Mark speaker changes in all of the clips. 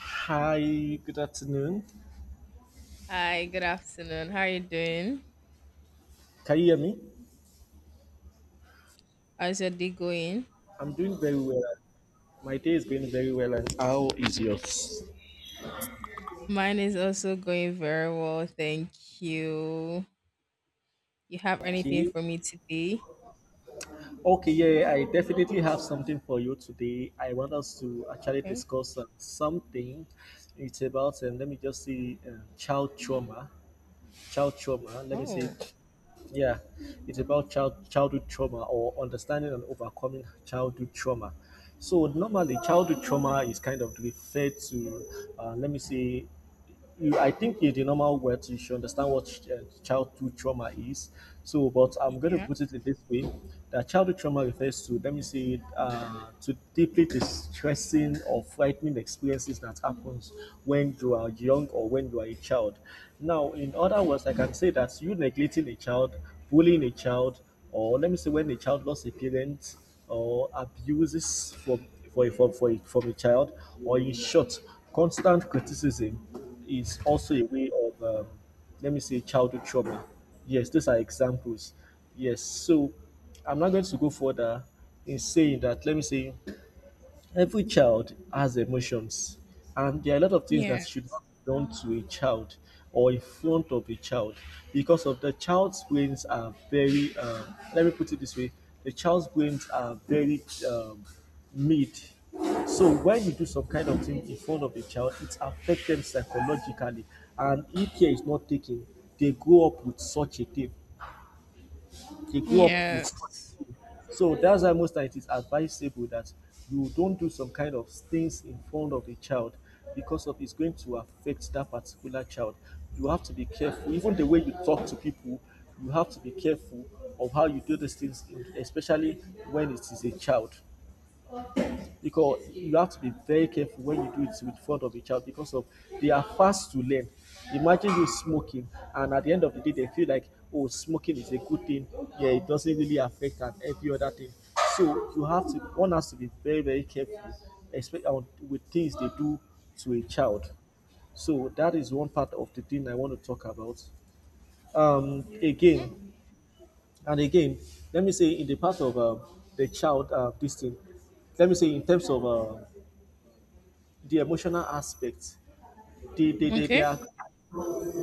Speaker 1: Hi, good afternoon.
Speaker 2: Hi, good afternoon. How are you doing?
Speaker 1: Can you hear me?
Speaker 2: How's your day going?
Speaker 1: I'm doing very well. My day is going very well. And how is yours?
Speaker 2: Mine is also going very well, thank you. You have anything
Speaker 1: Okay.
Speaker 2: for me today?
Speaker 1: Okay, yeah, I definitely have something for you today. I want us to actually
Speaker 2: Okay.
Speaker 1: discuss something. It's about, let me just see, child trauma. Child trauma. Let me see.
Speaker 2: Oh,
Speaker 1: Yeah, it's about childhood trauma or understanding and overcoming childhood trauma. So normally, childhood trauma is kind of referred to, let me see, I think it's the normal word you should understand what childhood trauma is. So, but I'm going to
Speaker 2: yeah,
Speaker 1: put it in this way that childhood trauma refers to, let me say, to deeply distressing or frightening experiences that happens when you are young or when you are a child. Now, in other words, I can say that you neglecting a child, bullying a child, or let me say when a child lost a parent or abuses from for from a child, or in short, constant criticism is also a way of, let me say, childhood trauma. Yes, those are examples. Yes, so I'm not going to go further in saying that, let me say, every child has emotions and there are a lot of things that
Speaker 2: yeah,
Speaker 1: should not be done to a child or in front of a child because of the child's brains are very let me put it this way, the child's brains are very um, mid. So when you do some kind of thing in front of a child, it affects them psychologically, and if care is not taken, they grow up with such a thing they grew up with.
Speaker 2: yes.
Speaker 1: So that's why most times it is advisable that you don't do some kind of things in front of a child because of it's going to affect that particular child. You have to be careful. Even the way you talk to people, you have to be careful of how you do these things, especially when it is a child, because you have to be very careful when you do it with front of a child because of they are fast to learn. Imagine you smoking, and at the end of the day, they feel like, oh, smoking is a good thing. Yeah, it doesn't really affect and every other thing. So you have to one has to be very careful, especially with things they do to a child. So that is one part of the thing I want to talk about. Um, again and again, Let me say in the part of the child this thing, let me say in terms of the emotional aspect, the they
Speaker 2: Okay,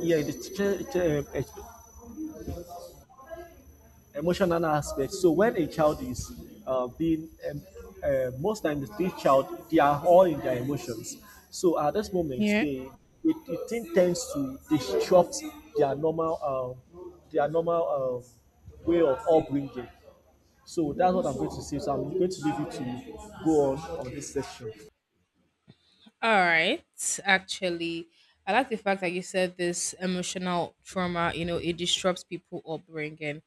Speaker 1: yeah, eh, emotional aspect. So when a child is being most times this child, they are all in their emotions. So at this moment,
Speaker 2: Yeah.
Speaker 1: they, it thing tends to disrupt their normal their normal way of upbringing. So that's what I'm going to say, so I'm going to leave you to go on this section.
Speaker 2: All right. Actually, I like the fact that you said this emotional trauma, you know, it disrupts people upbringing.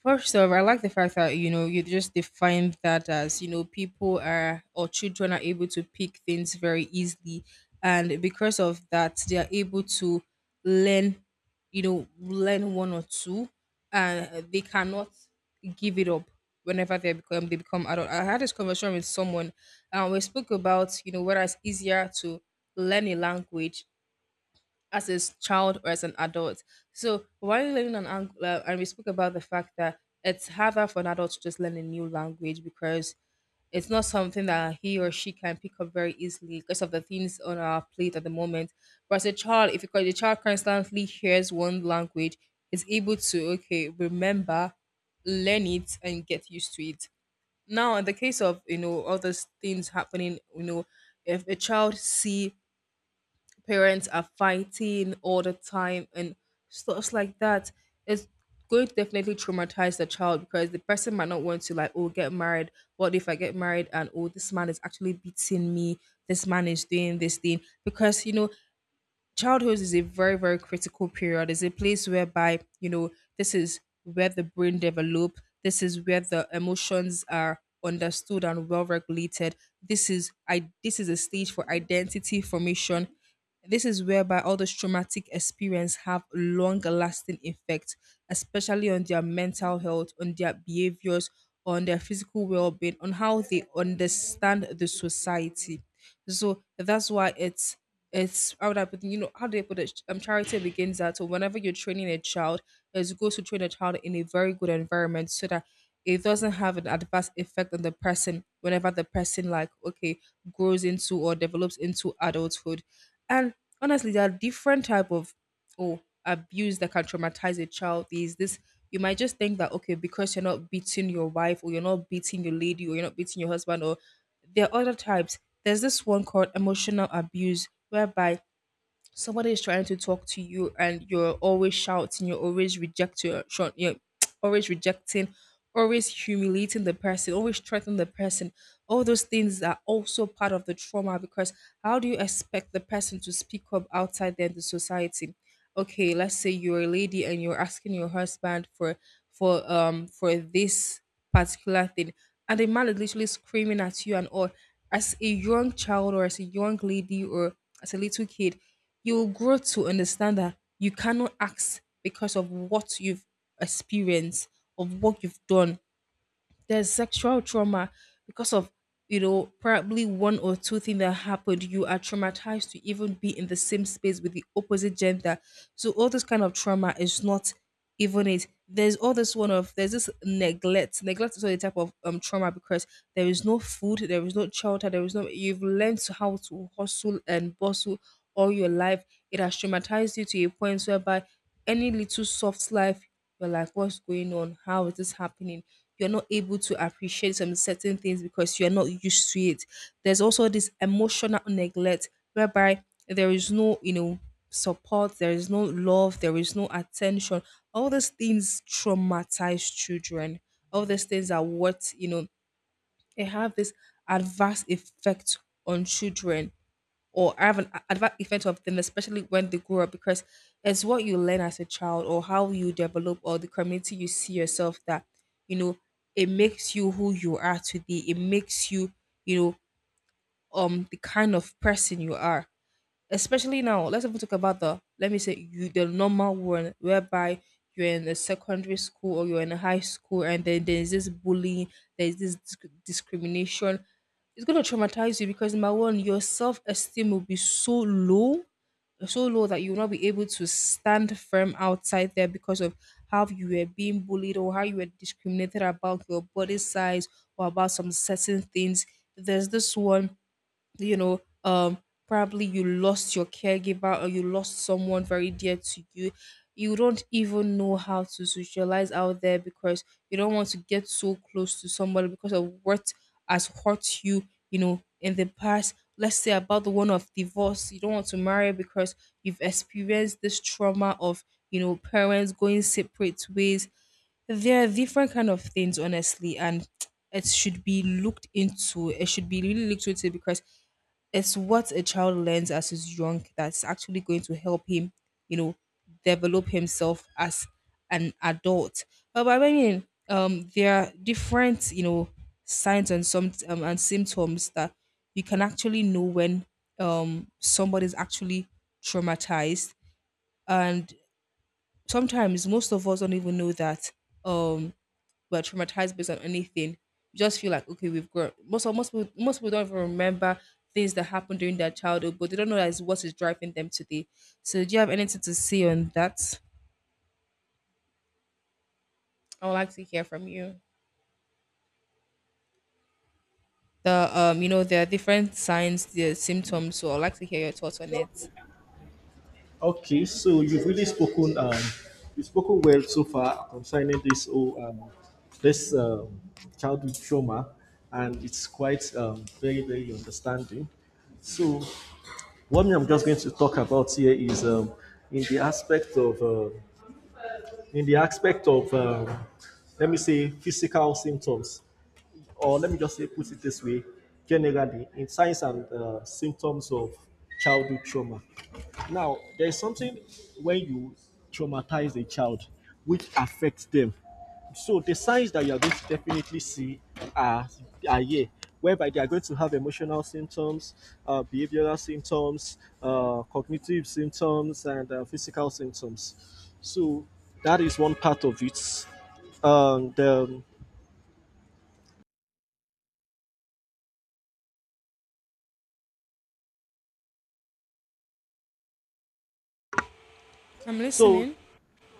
Speaker 2: First of all, I like the fact that, you know, you just defined that as, you know, people are or children are able to pick things very easily. And because of that, they are able to learn, you know, learn one or two, and they cannot give it up whenever they become adult. I had this conversation with someone, and we spoke about, you know, whether it's easier to learn a language as a child or as an adult. So while learning an Angular, and we spoke about the fact that it's harder for an adult to just learn a new language because it's not something that he or she can pick up very easily because of the things on our plate at the moment. But as a child, if you the child constantly hears one language, is able to okay remember, learn it, and get used to it. Now, in the case of, you know, all those things happening, you know, if a child see parents are fighting all the time and stuff like that, it's going to definitely traumatize the child because the person might not want to, like, oh, get married. What if I get married and, oh, this man is actually beating me? This man is doing this thing because, you know, childhood is a very very critical period. It's a place whereby, you know, this is where the brain develop. This is where the emotions are understood and well regulated. This is a stage for identity formation. This is whereby all those traumatic experience have long lasting effect, especially on their mental health, on their behaviors, on their physical well-being, on how they understand the society. So that's why it's how would I put, you know, how do I put it? Charity begins that. So whenever you're training a child, it's good to train a child in a very good environment so that it doesn't have an adverse effect on the person whenever the person like okay grows into or develops into adulthood. And honestly, there are different type of, oh, abuse that can traumatize a child. Is this you might just think that okay because you're not beating your wife or you're not beating your lady or you're not beating your husband, or there are other types. There's this one called emotional abuse, whereby somebody is trying to talk to you and you're always shouting, you're always reject your short, you're always rejecting, always humiliating the person, always threatening the person. All those things are also part of the trauma because how do you expect the person to speak up outside there in the society? Okay, let's say you're a lady and you're asking your husband for for this particular thing, and the man is literally screaming at you and all, as a young child or as a young lady or as a little kid, you will grow to understand that you cannot ask because of what you've experienced, of what you've done. There's sexual trauma because of, you know, probably one or two things that happened, you are traumatized to even be in the same space with the opposite gender. So all this kind of trauma is not even it there's all this one of there's this neglect. Neglect is all the type of trauma because there is no food, there is no shelter, there is no, you've learned to how to hustle and bustle all your life. It has traumatized you to a point whereby any little soft life you're like, what's going on? How is this happening? You're not able to appreciate some certain things because you're not used to it. There's also this emotional neglect whereby there is no, you know, support, there is no love, there is no attention. All these things traumatize children. All these things are what, you know, they have this adverse effect on children, or have an adverse effect of them, especially when they grow up, because it's what you learn as a child or how you develop or the community you see yourself that, you know, it makes you who you are today. It makes you, you know, the kind of person you are, especially now let's even talk about the let me say you the normal one whereby you're in a secondary school or you're in a high school and then there's this bullying, there's this discrimination. It's going to traumatize you because number one, your self-esteem will be so low, so low that you will not be able to stand firm outside there because of how you were being bullied or how you were discriminated about your body size or about some certain things. There's this one, you know, probably you lost your caregiver or you lost someone very dear to you. You don't even know how to socialize out there because you don't want to get so close to somebody because of what has hurt you, you know, in the past. Let's say about the one of divorce, you don't want to marry because you've experienced this trauma of, you know, parents going separate ways. There are different kind of things, honestly, and it should be looked into, it should be really looked into, because it's what a child learns as he's young that's actually going to help him, you know, develop himself as an adult. But I mean, there are different, you know, signs and some and symptoms that you can actually know when somebody's actually traumatized, and sometimes most of us don't even know that um we're traumatized based on anything. You just feel like okay, we've grown. Most people don't even remember things that happened during their childhood, but they don't know that is what is driving them today. So, do you have anything to say on that? I would like to hear from you. The you know, there are different signs, the symptoms. So, I'd like to hear your thoughts on it.
Speaker 1: Okay, so you've really spoken you've spoken well so far concerning this whole, this childhood trauma, and it's quite very understanding. So what I'm just going to talk about here is in the aspect of um in the aspect of, let me say, physical symptoms, or let me just say, put it this way, generally, in signs and symptoms of childhood trauma. Now, there is something when you traumatize a child which affects them. So the signs that you are going to definitely see are, are here, whereby they are going to have emotional symptoms, behavioral symptoms, cognitive symptoms, and physical symptoms. So that is one part of it. And
Speaker 2: I'm
Speaker 1: so
Speaker 2: listening.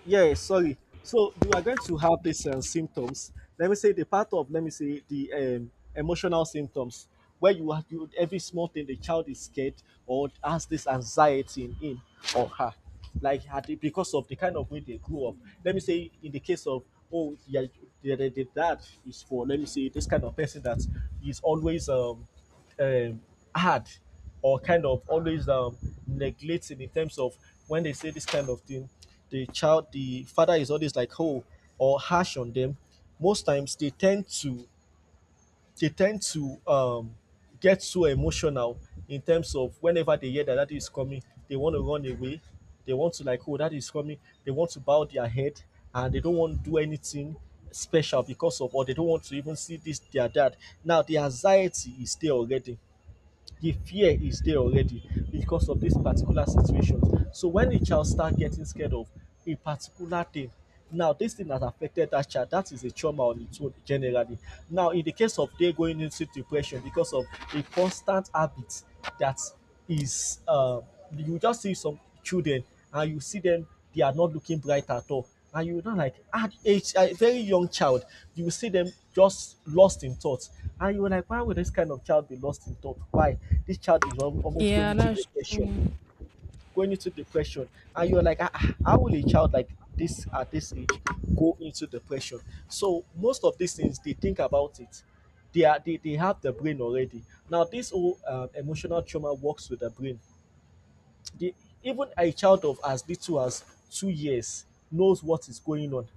Speaker 1: yeah, sorry, so you are going to have these symptoms. Let me say the part of, let me say, the emotional symptoms, where you have you, every small thing the child is scared or has this anxiety in him or her, like because of the kind of way they grew up. Let me say in the case of, oh yeah, the dad is, for let me say, this kind of person that is always um, hard or kind of always neglecting, in terms of when they say this kind of thing, the father is always like oh or harsh on them. Most times they tend to, they tend to um, get so emotional, in terms of whenever they hear that that is coming, they want to run away. They want to like, oh, that is coming. They want to bow their head and they don't want to do anything special because of, or they don't want to even see this their dad. Now the anxiety is there already, the fear is there already, because of this particular situation. So when the child start getting scared of a particular thing, now this thing has affected that child. That is a trauma on its own generally. Now in the case of they going into depression because of a constant habit that is you just see some children and you see them, they are not looking bright at all, and you know, like at age, a very young child, you see them just lost in thought, and you are like, why would this kind of child be lost in thought? Why, this child is almost going
Speaker 2: Yeah,
Speaker 1: into
Speaker 2: that's true.
Speaker 1: depression, going into depression, and you're like, ah, ah, how will a child like this at this age go into depression? So most of these things, they think about it, they have the brain already. Now this whole emotional trauma works with the brain. The, Even a child of as little as 2 years knows what is going on.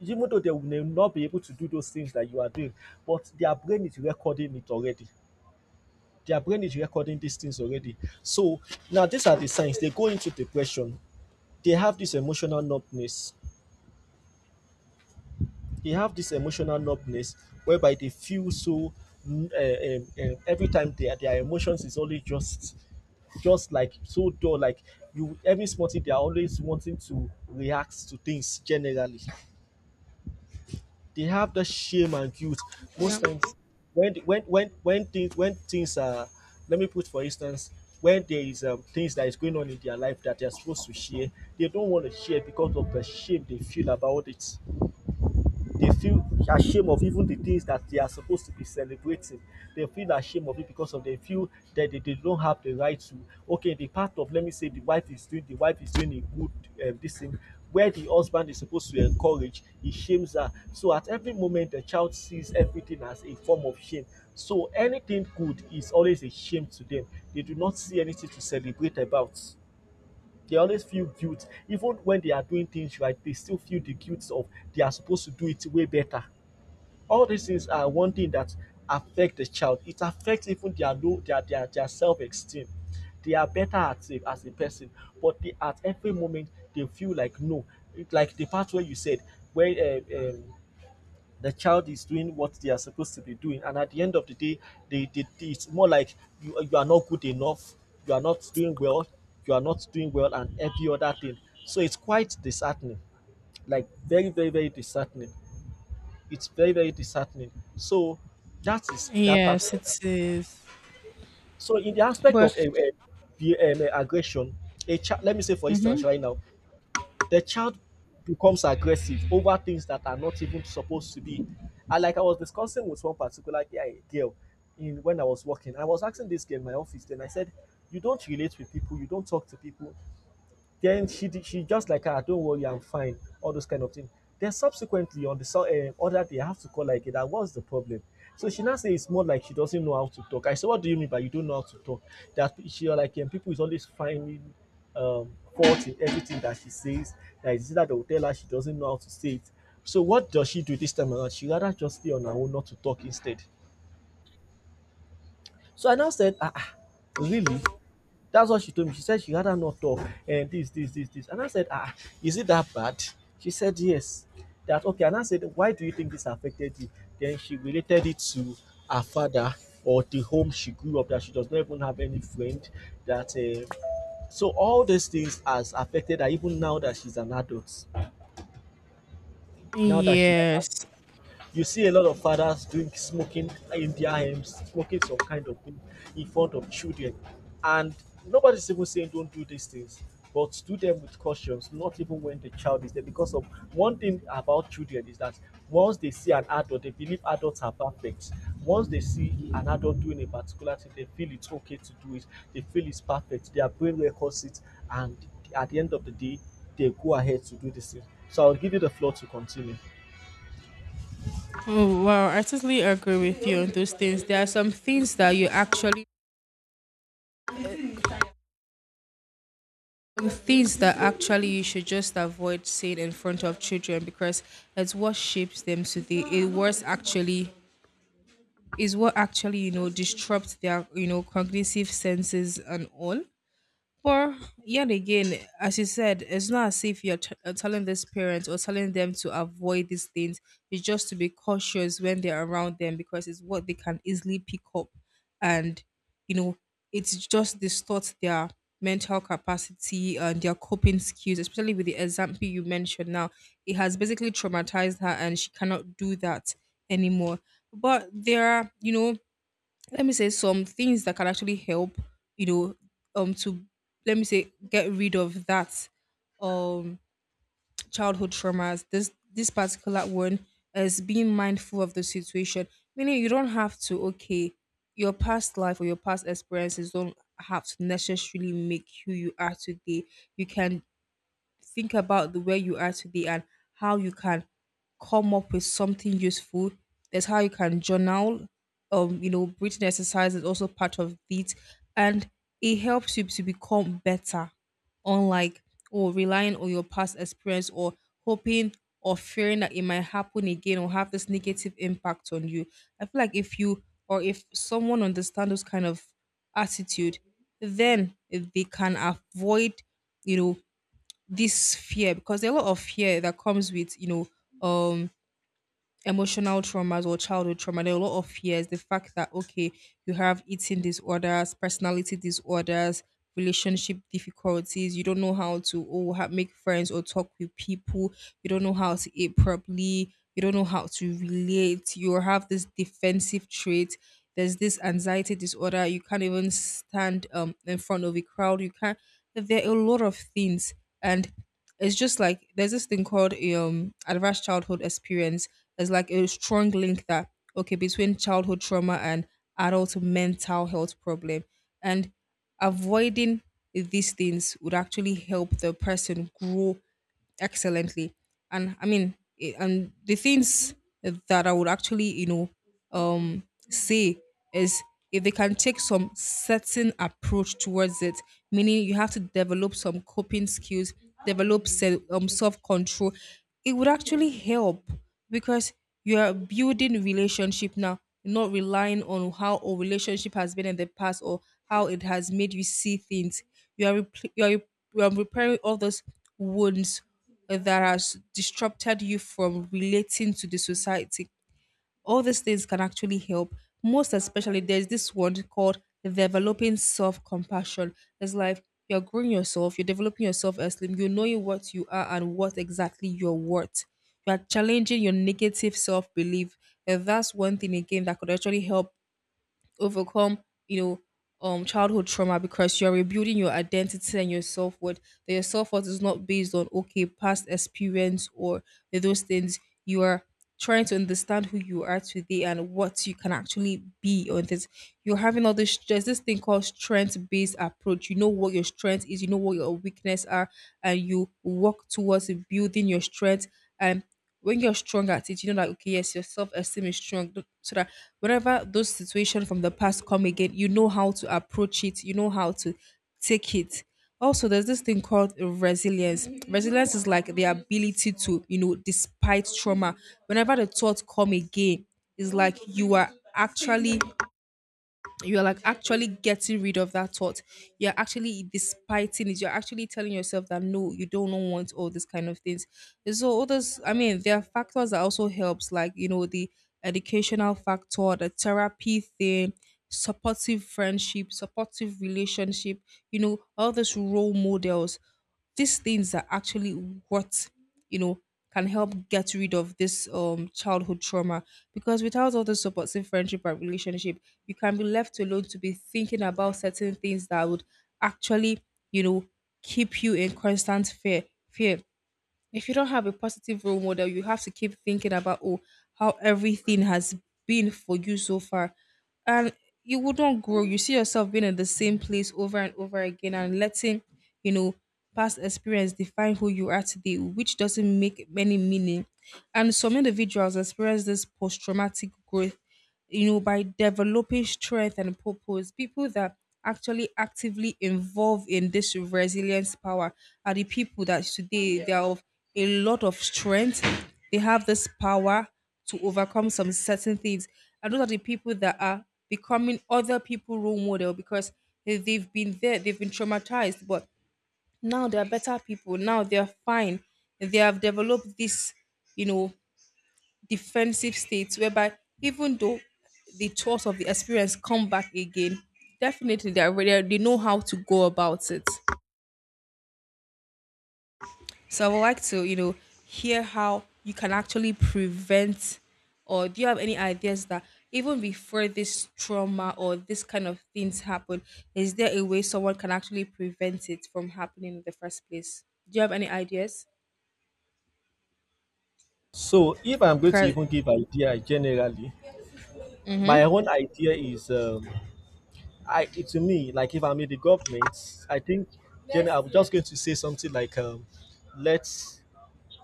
Speaker 1: Even though they may not be able to do those things that you are doing, but their brain is recording it already. Their brain is recording these things already. So now these are the signs. They go into depression. They have this emotional numbness. They have this emotional numbness whereby they feel so every time their emotions is only just like so dull. Like you, every small thing, they are always wanting to react to things generally. They have the shame and guilt most times, when things, when things are, let me put for instance, when there is things that is going on in their life that they are supposed to share, they don't want to share because of the shame they feel about it. They feel ashamed of even the things that they are supposed to be celebrating. They feel ashamed of it because of they feel that they don't have the right to. Okay, the part of, let me say, the wife is doing a good this thing, where the husband is supposed to encourage, he shames her. So at every moment, the child sees everything as a form of shame. So anything good is always a shame to them. They do not see anything to celebrate about. They always feel guilt. Even when they are doing things right, they still feel the guilt of they are supposed to do it way better. All these things are one thing that affect the child. It affects even their low, their self-esteem. They are better at it as a person, but they, at every moment, they feel like no. It, like the part where you said where the child is doing what they are supposed to be doing and at the end of the day, it's more like you are not good enough, you are not doing well, you are not doing well, and every other thing. So it's quite disheartening, like very disheartening, it's very disheartening. So that is that part of
Speaker 2: Yes, it
Speaker 1: that.
Speaker 2: is.
Speaker 1: So in the aspect
Speaker 2: But
Speaker 1: of the aggression, a child, let me say for
Speaker 2: hmm.
Speaker 1: instance right now, the child becomes aggressive over things that are not even supposed to be. And like I was discussing with one particular girl in when I was working, I was asking this girl in my office, then I said, you don't relate with people, you don't talk to people. Then she just like, ah, don't worry, I'm fine. All those kind of things. Then subsequently on the other day, I have to call like that. What's the problem? So she now says it's more like she doesn't know how to talk. I said, what do you mean by you don't know how to talk? That she was like, and people is always finding fault in everything that she says. That is that they will tell her she doesn't know how to say it. So what does she do this time around? She rather just stay on her own, not to talk instead. So I now said, ah, ah, really? That's what she told me. She said she'd rather not talk and this, this, this, this. And I said, ah, is it that bad? She said, yes. That okay. And I said, why do you think this affected you? Then she related it to her father or the home she grew up that she does not even have any friend. That So all these things has affected her even now that she's an adult. Now that she's an adult.
Speaker 2: Yes.
Speaker 1: You see a lot of fathers doing smoking in their homes, smoking some kind of thing in front of children, and nobody's even saying don't do these things. But do them with cautions, not even when the child is there. Because of one thing about children is that once they see an adult, they believe adults are perfect. Once they see an adult doing a particular thing, they feel it's okay to do it. They feel it's perfect. Their brain records it, and at the end of the day, they go ahead to do this thing. So I'll give you the floor to continue.
Speaker 2: Oh, wow. I totally agree with you on those things. There are some things that you actually, some things that actually you should just avoid saying in front of children because it's what shapes them today. It was actually is what actually, you know, disrupts their, you know, cognitive senses and all. Well, yet again, as you said, it's not as if you're telling this parent or telling them to avoid these things. It's just to be cautious when they're around them because it's what they can easily pick up, and, you know, it's just distorts their mental capacity and their coping skills, especially with the example you mentioned. Now, it has basically traumatized her, and she cannot do that anymore. But there are, you know, let me say some things that can actually help, you know, to let me say get rid of that um childhood traumas. This particular one is being mindful of the situation, meaning you don't have to okay your past life or your past experiences don't have to necessarily make who you are today. You can think about the where you are today and how you can come up with something useful. That's how you can journal. You know, breathing exercise is also part of it, and it helps you to become better. Unlike or relying on your past experience or hoping or fearing that it might happen again or have this negative impact on you. I feel like if you or if someone understands those kind of attitude, then they can avoid, you know, this fear, because there are a lot of fear that comes with, you know, um emotional traumas or childhood trauma. There are a lot of fears, the fact that okay you have eating disorders, personality disorders, relationship difficulties, you don't know how to, make friends or talk with people, you don't know how to eat properly, you don't know how to relate, you have this defensive trait, there's this anxiety disorder, you can't even stand in front of a crowd, you can't, there are a lot of things. And it's just like there's this thing called adverse childhood experience. It's like a strong link that, okay, between childhood trauma and adult mental health problem, and avoiding these things would actually help the person grow excellently. and i mean and the things that I would actually um say is, if they can take some certain approach towards it, meaning you have to develop some coping skills, develop self-control, it would actually help because you are building relationship now, not relying on how a relationship has been in the past or how it has made you see things. You are repl you are, you are repairing all those wounds that has disrupted you from relating to the society. All these things can actually help. Most especially, there's this one called developing self compassion. It's like you're growing yourself, you're developing yourself as Slim, you're knowing what you are and what exactly you're worth. You are challenging your negative self belief. And that's one thing again that could actually help overcome, you know, childhood trauma, because you're rebuilding your identity and your self worth. That your self worth is not based on, okay, past experience or those things. You are trying to understand who you are today and what you can actually be on this. You're having all this, there's this thing called strength based approach. You know what your strength is. You know what your weakness are, and you work towards building your strength. And when you're strong at it, you know that, okay, yes, your self esteem is strong, so that whenever those situations from the past come again, you know how to approach it, you know how to take it. Also, there's this thing called resilience. Resilience is like the ability to, you know, despite trauma, whenever the thought come again, it's like you are actually, you're like actually getting rid of that thought, you're actually despiting it, you're actually telling yourself that no, you don't want all these kind of things. And so others, there are factors that also helps, like, you know, the educational factor, the therapy thing, supportive friendship, supportive relationship, you know, all those role models. These things are actually what, you know, can help get rid of this childhood trauma, because without all the supportive friendship and relationship, you can be left alone to be thinking about certain things that would actually, you know, keep you in constant fear. Fear. If you don't have a positive role model, you have to keep thinking about, oh, how everything has been for you so far, and you will not grow. You see yourself being in the same place over and over again, and letting, you know, past experience define who you are today, which doesn't make any meaning. And some individuals experience this post traumatic growth, you know, by developing strength and purpose. People that actually actively involved in this resilience power are the people that today they are of a lot of strength. They have this power to overcome some certain things. And those are the people that are becoming other people role model because they've been there, they've been traumatized, but now they're better people. Now they're fine. They have developed this, you know, defensive states, whereby even though the thoughts of the experience come back again, definitely they are ready, they know how to go about it. So I would like to, you know, hear how you can actually prevent, or do you have any ideas that even before this trauma or this kind of things happen, is there a way someone can actually prevent it from happening in the first place? Do you have any ideas?
Speaker 1: So if I'm going to
Speaker 2: Because,
Speaker 1: even give idea generally,
Speaker 2: mm-hmm.
Speaker 1: my own idea is I, to me, like if I'm in the government, I think then I'm just going to say something like, let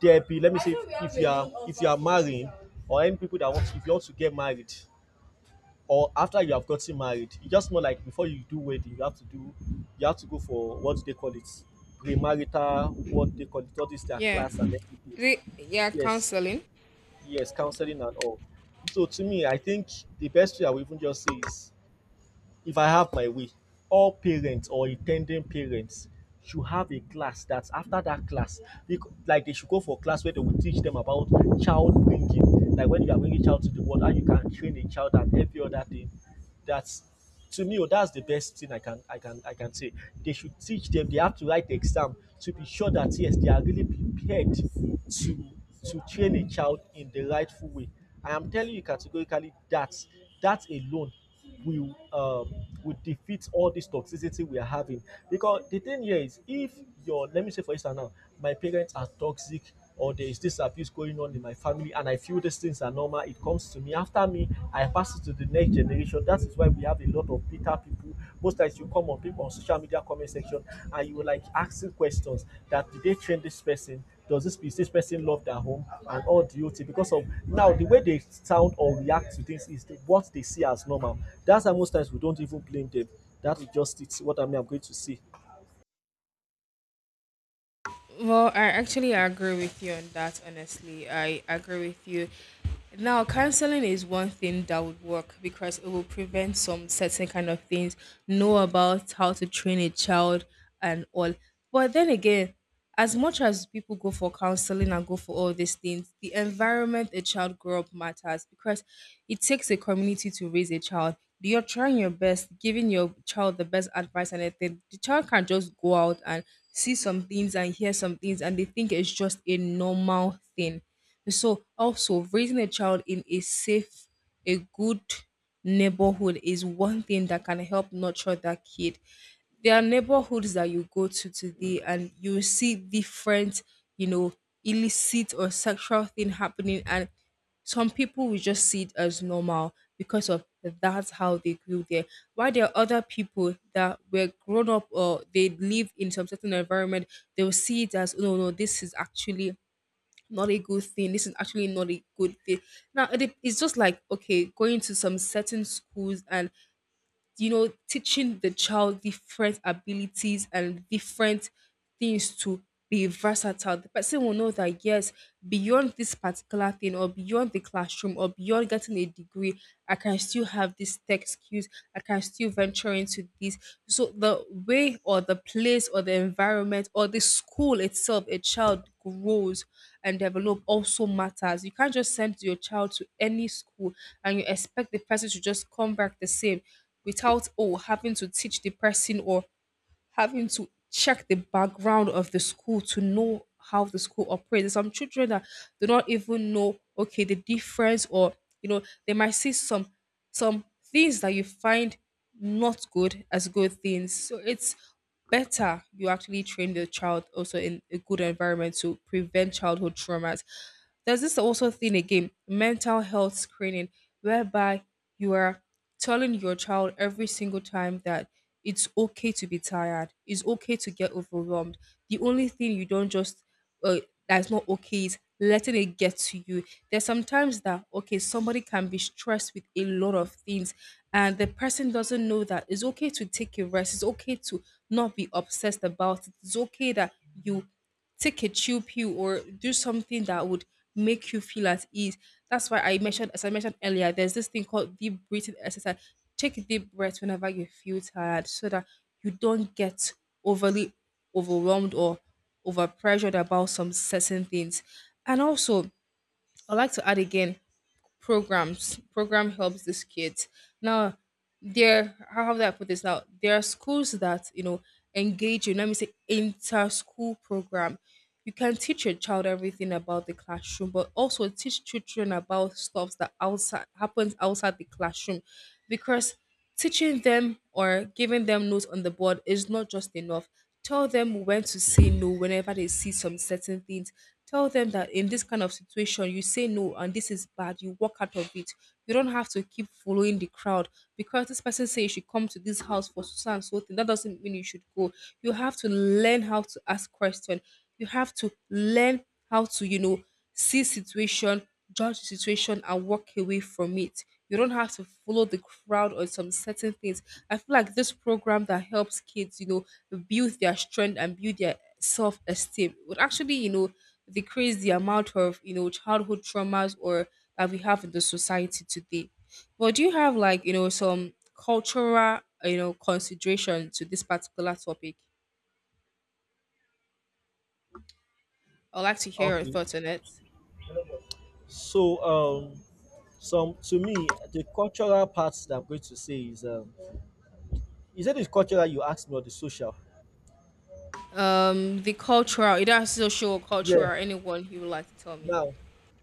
Speaker 1: there be, let me say, if you are, if you are marrying or any people that want, if you want to get married or after you have gotten married, it's just more like before you do wedding you have to do, you have to go for, what do they call it? Premarital, what they call it, all this their
Speaker 2: Yeah,
Speaker 1: class and everything.
Speaker 2: yeah,
Speaker 1: Yes.
Speaker 2: counseling.
Speaker 1: Yes, counseling and all. So to me, I think the best way I would even just say is, if I have my way, all parents or in ten ding parents should have a class that after that class bec- like they should go for class where they will teach them about child bringing. Like when you are bringing child to the world, how you can train a child and every other thing. That's to me, oh, that's the best thing I can say. They should teach them. They have to write the exam to be sure that yes, they are really prepared to train a child in the rightful way. I am telling you categorically that that alone we um will defeat all this toxicity we are having. Because the thing here is, if your, let me say for instance now, my parents are toxic or there is this abuse going on in my family and I feel these things are normal, it comes to me. After me, I pass it to the next generation. That is why we have a lot of bitter people. Most times you come on people on social media comment section and you like asking questions that, did they train this person? Does this, is this person love their home and all the OT, because of now the way they sound or react to things is the, what they see as normal. That's how most times we don't even blame them. That is just it's what I mean, I'm going to say.
Speaker 2: Well, I actually agree with you on that, honestly. I agree with you. Now, counseling is one thing that would work because it will prevent some certain kind of things, know about how to train a child and all. But then again, as much as people go for counseling and go for all these things, the environment a child grow up matters, because it takes a community to raise a child. You're trying your best, giving your child the best advice and everything. The child can't just go out and see some things and hear some things and they think it's just a normal thing. So also raising a child in a safe, a good neighborhood is one thing that can help nurture that kid. There are neighborhoods that you go to today and you see different, you know, illicit or sexual thing happening, and some people will just see it as normal because of that's how they grew there. While there are other people that were grown up or they live in some certain environment, they will see it as, no, no, this is actually not a good thing. This is actually not a good thing. Now it's just like, okay, going to some certain schools and, you know, teaching the child different abilities and different things to be versatile. The person will know that, yes, beyond this particular thing, or beyond the classroom, or beyond getting a degree, I can still have this tech skills, I can still venture into this. So the way, or the place, or the environment, or the school itself, a child grows and develop also matters. You can't just send your child to any school and you expect the person to just come back the same without having to teach the person or having to check the background of the school to know how the school operates. There's some children that do not even know, okay, the difference, or, you know, they might see some things that you find not good as good things. So it's better you actually train the child also in a good environment to prevent childhood traumas. There's this also thing again, mental health screening, whereby you are telling your child every single time that it's okay to be tired, it's okay to get overwhelmed. The only thing you don't just, uh, that's not okay, is letting it get to you. There's sometimes that, okay, somebody can be stressed with a lot of things, and the person doesn't know that it's okay to take a rest. It's okay to not be obsessed about it. It's okay that you take a chill pill or do something that would make you feel at ease. That's why I mentioned, as I mentioned earlier, there's this thing called deep breathing exercise. Take a deep breath whenever you feel tired so that you don't get overly overwhelmed or overpressured about some certain things. And also, I'd like to add again, programs program helps these kids now. There, how do I put this now, there are schools that, you know, engage you, let me say, inter-school program. You can teach your child everything about the classroom, but also teach children about stuff that outside happens outside the classroom, because teaching them or giving them notes on the board is not just enough. Tell them when to say no whenever they see some certain things. Tell them that in this kind of situation, you say no and this is bad. You walk out of it. You don't have to keep following the crowd because this person says you should come to this house for so and so thing. That doesn't mean you should go. You have to learn how to ask questions. You have to learn how to, you know, see situation, judge the situation and walk away from it. You don't have to follow the crowd on some certain things. I feel like this program that helps kids, you know, build their strength and build their self esteem would actually, you know, decrease the amount of, you know, childhood traumas or that we have in the society today. But do you have like, you know, some cultural, you know, consideration to this particular topic? I'd like to hear your
Speaker 1: Okay.
Speaker 2: thoughts on it.
Speaker 1: So some, to me, the cultural parts that I'm going to say is, is it the cultural you asked me or the social?
Speaker 2: The cultural, either social or
Speaker 1: Yeah.
Speaker 2: cultural, anyone you would like to tell me.
Speaker 1: Now,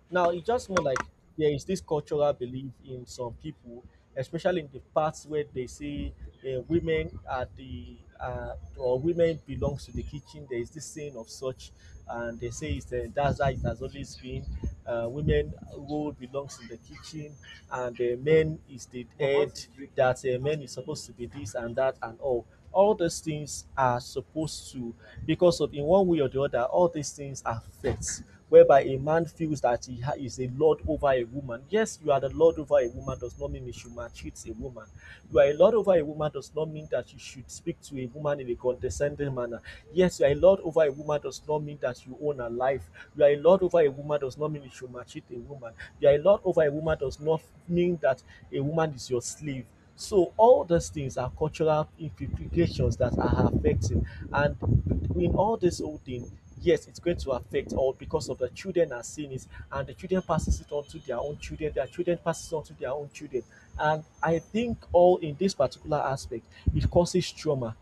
Speaker 1: now it's just more like there is this cultural belief in some people, especially in the parts where they say, women are the or women belongs to the kitchen, there is this saying of such, and they say it's, that's how it has always been. Women role belongs in the kitchen and the men is the head, that men is supposed to be this and that and all those things are supposed to, because of in one way or the other all these things affect, whereby a man feels that he is a lord over a woman. Yes, you are the lord over a woman does not mean you should maltreat a woman. You are a lord over a woman does not mean that you should speak to a woman in a condescending manner. Yes, you are a lord over a woman does not mean that you own her life. You are a lord over a woman does not mean you should maltreat a woman. You are a lord over a woman does not mean that a woman is your slave. So all these things are cultural implications that are affecting, and in all this whole thing, yes, it's going to affect all because of the children are seeing it, and the children passes it on to their own children, their children passes it on to their own children. And I think all in this particular aspect, it causes trauma.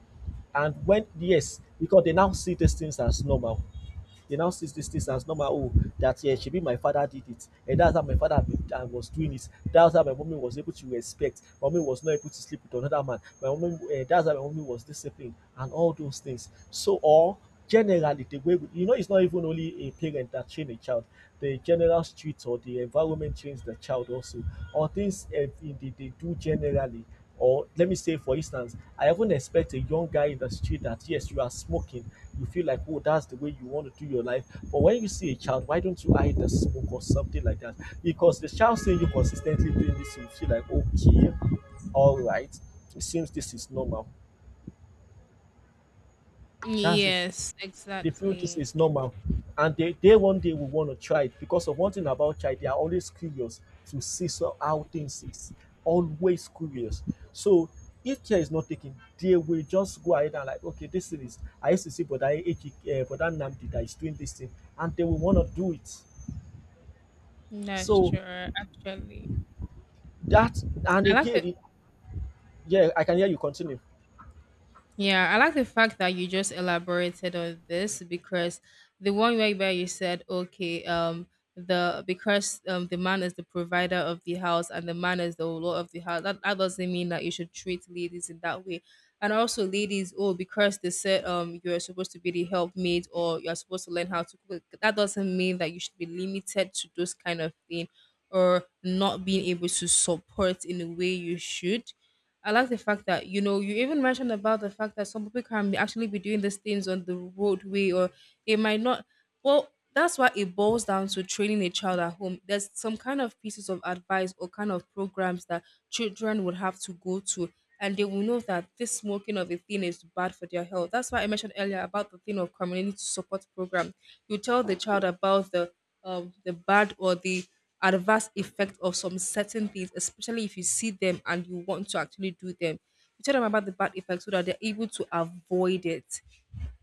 Speaker 1: And when, yes, because they now see these things as normal. They now sees these things as normal. Oh, that yeah, she be my father did it, and that's how my father be, was doing it. That's how my mommy was able to respect. My mommy was not able to sleep with another man. My mommy, that's how my mommy was disciplined, and all those things. So, or generally the way we, you know it's not even only a parent that train a child, the general street or the environment trains the child also, or things they do generally. Or let me say, for instance, I even expect a young guy in the street that yes, you are smoking. You feel like, oh, that's the way you want to do your life. But when you see a child, why don't you hide the smoke or something like that? Because the child seeing you consistently doing this, you feel like, okay, all right, it seems this is normal. That's it.
Speaker 2: Yes,
Speaker 1: They feel this
Speaker 2: exactly.
Speaker 1: is normal and they one day will want to try it because of one thing about child, they are always curious to see so how things is. Always curious. So if care is not taken, they will just go ahead and like, okay, this thing is I used to see Brother Ejike, Brother Nnamdi that is doing this thing, and they will want to do it.
Speaker 2: That's
Speaker 1: So
Speaker 2: true. Actually,
Speaker 1: that and
Speaker 2: I like
Speaker 1: again,
Speaker 2: the
Speaker 1: it, yeah, I can hear you continue.
Speaker 2: yeah, I like the fact that you just elaborated on this, because the one way where you said, okay, the because the man is the provider of the house and the man is the lord of the house. That doesn't mean that you should treat ladies in that way. And also, ladies, oh, because they said you are supposed to be the helpmate or you are supposed to learn how to cook. That doesn't mean that you should be limited to those kind of thing, or not being able to support in the way you should. I like the fact that, you know, you even mentioned about the fact that some people actually be doing these things on the roadway, or they might not. Well, that's why it boils down to training a child at home. There's some kind of pieces of advice or kind of programs that children would have to go to, and they will know that this smoking of a thing is bad for their health. That's why I mentioned earlier about the thing of community support program. You tell the child about the bad or the adverse effect of some certain things, especially if you see them and you want to actually do them. You tell them about the bad effects so that they're able to avoid it,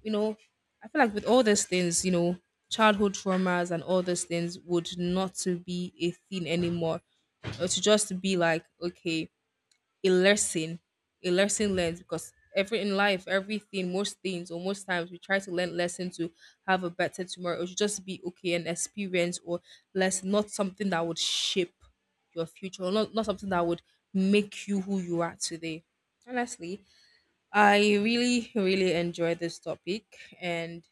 Speaker 2: you know. I feel like with all these things, you know, childhood traumas and all these things would not to be a thing anymore. Or to just be like, okay, a lesson, a lesson learned. Because every in life, everything, most things or most times we try to learn lesson to have a better tomorrow. It should just be okay, an experience or less, not something that would shape your future, or not, not something that would make you who you are today. Honestly, I really, really enjoy this topic, and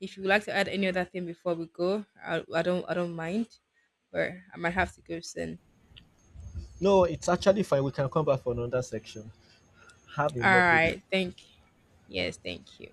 Speaker 2: if you would like to add any other thing before we go, I don't mind, but I might have to go soon.
Speaker 1: No, it's actually fine. We can come back for another section. Have a
Speaker 2: All
Speaker 1: lovely day.
Speaker 2: right, yes, thank you.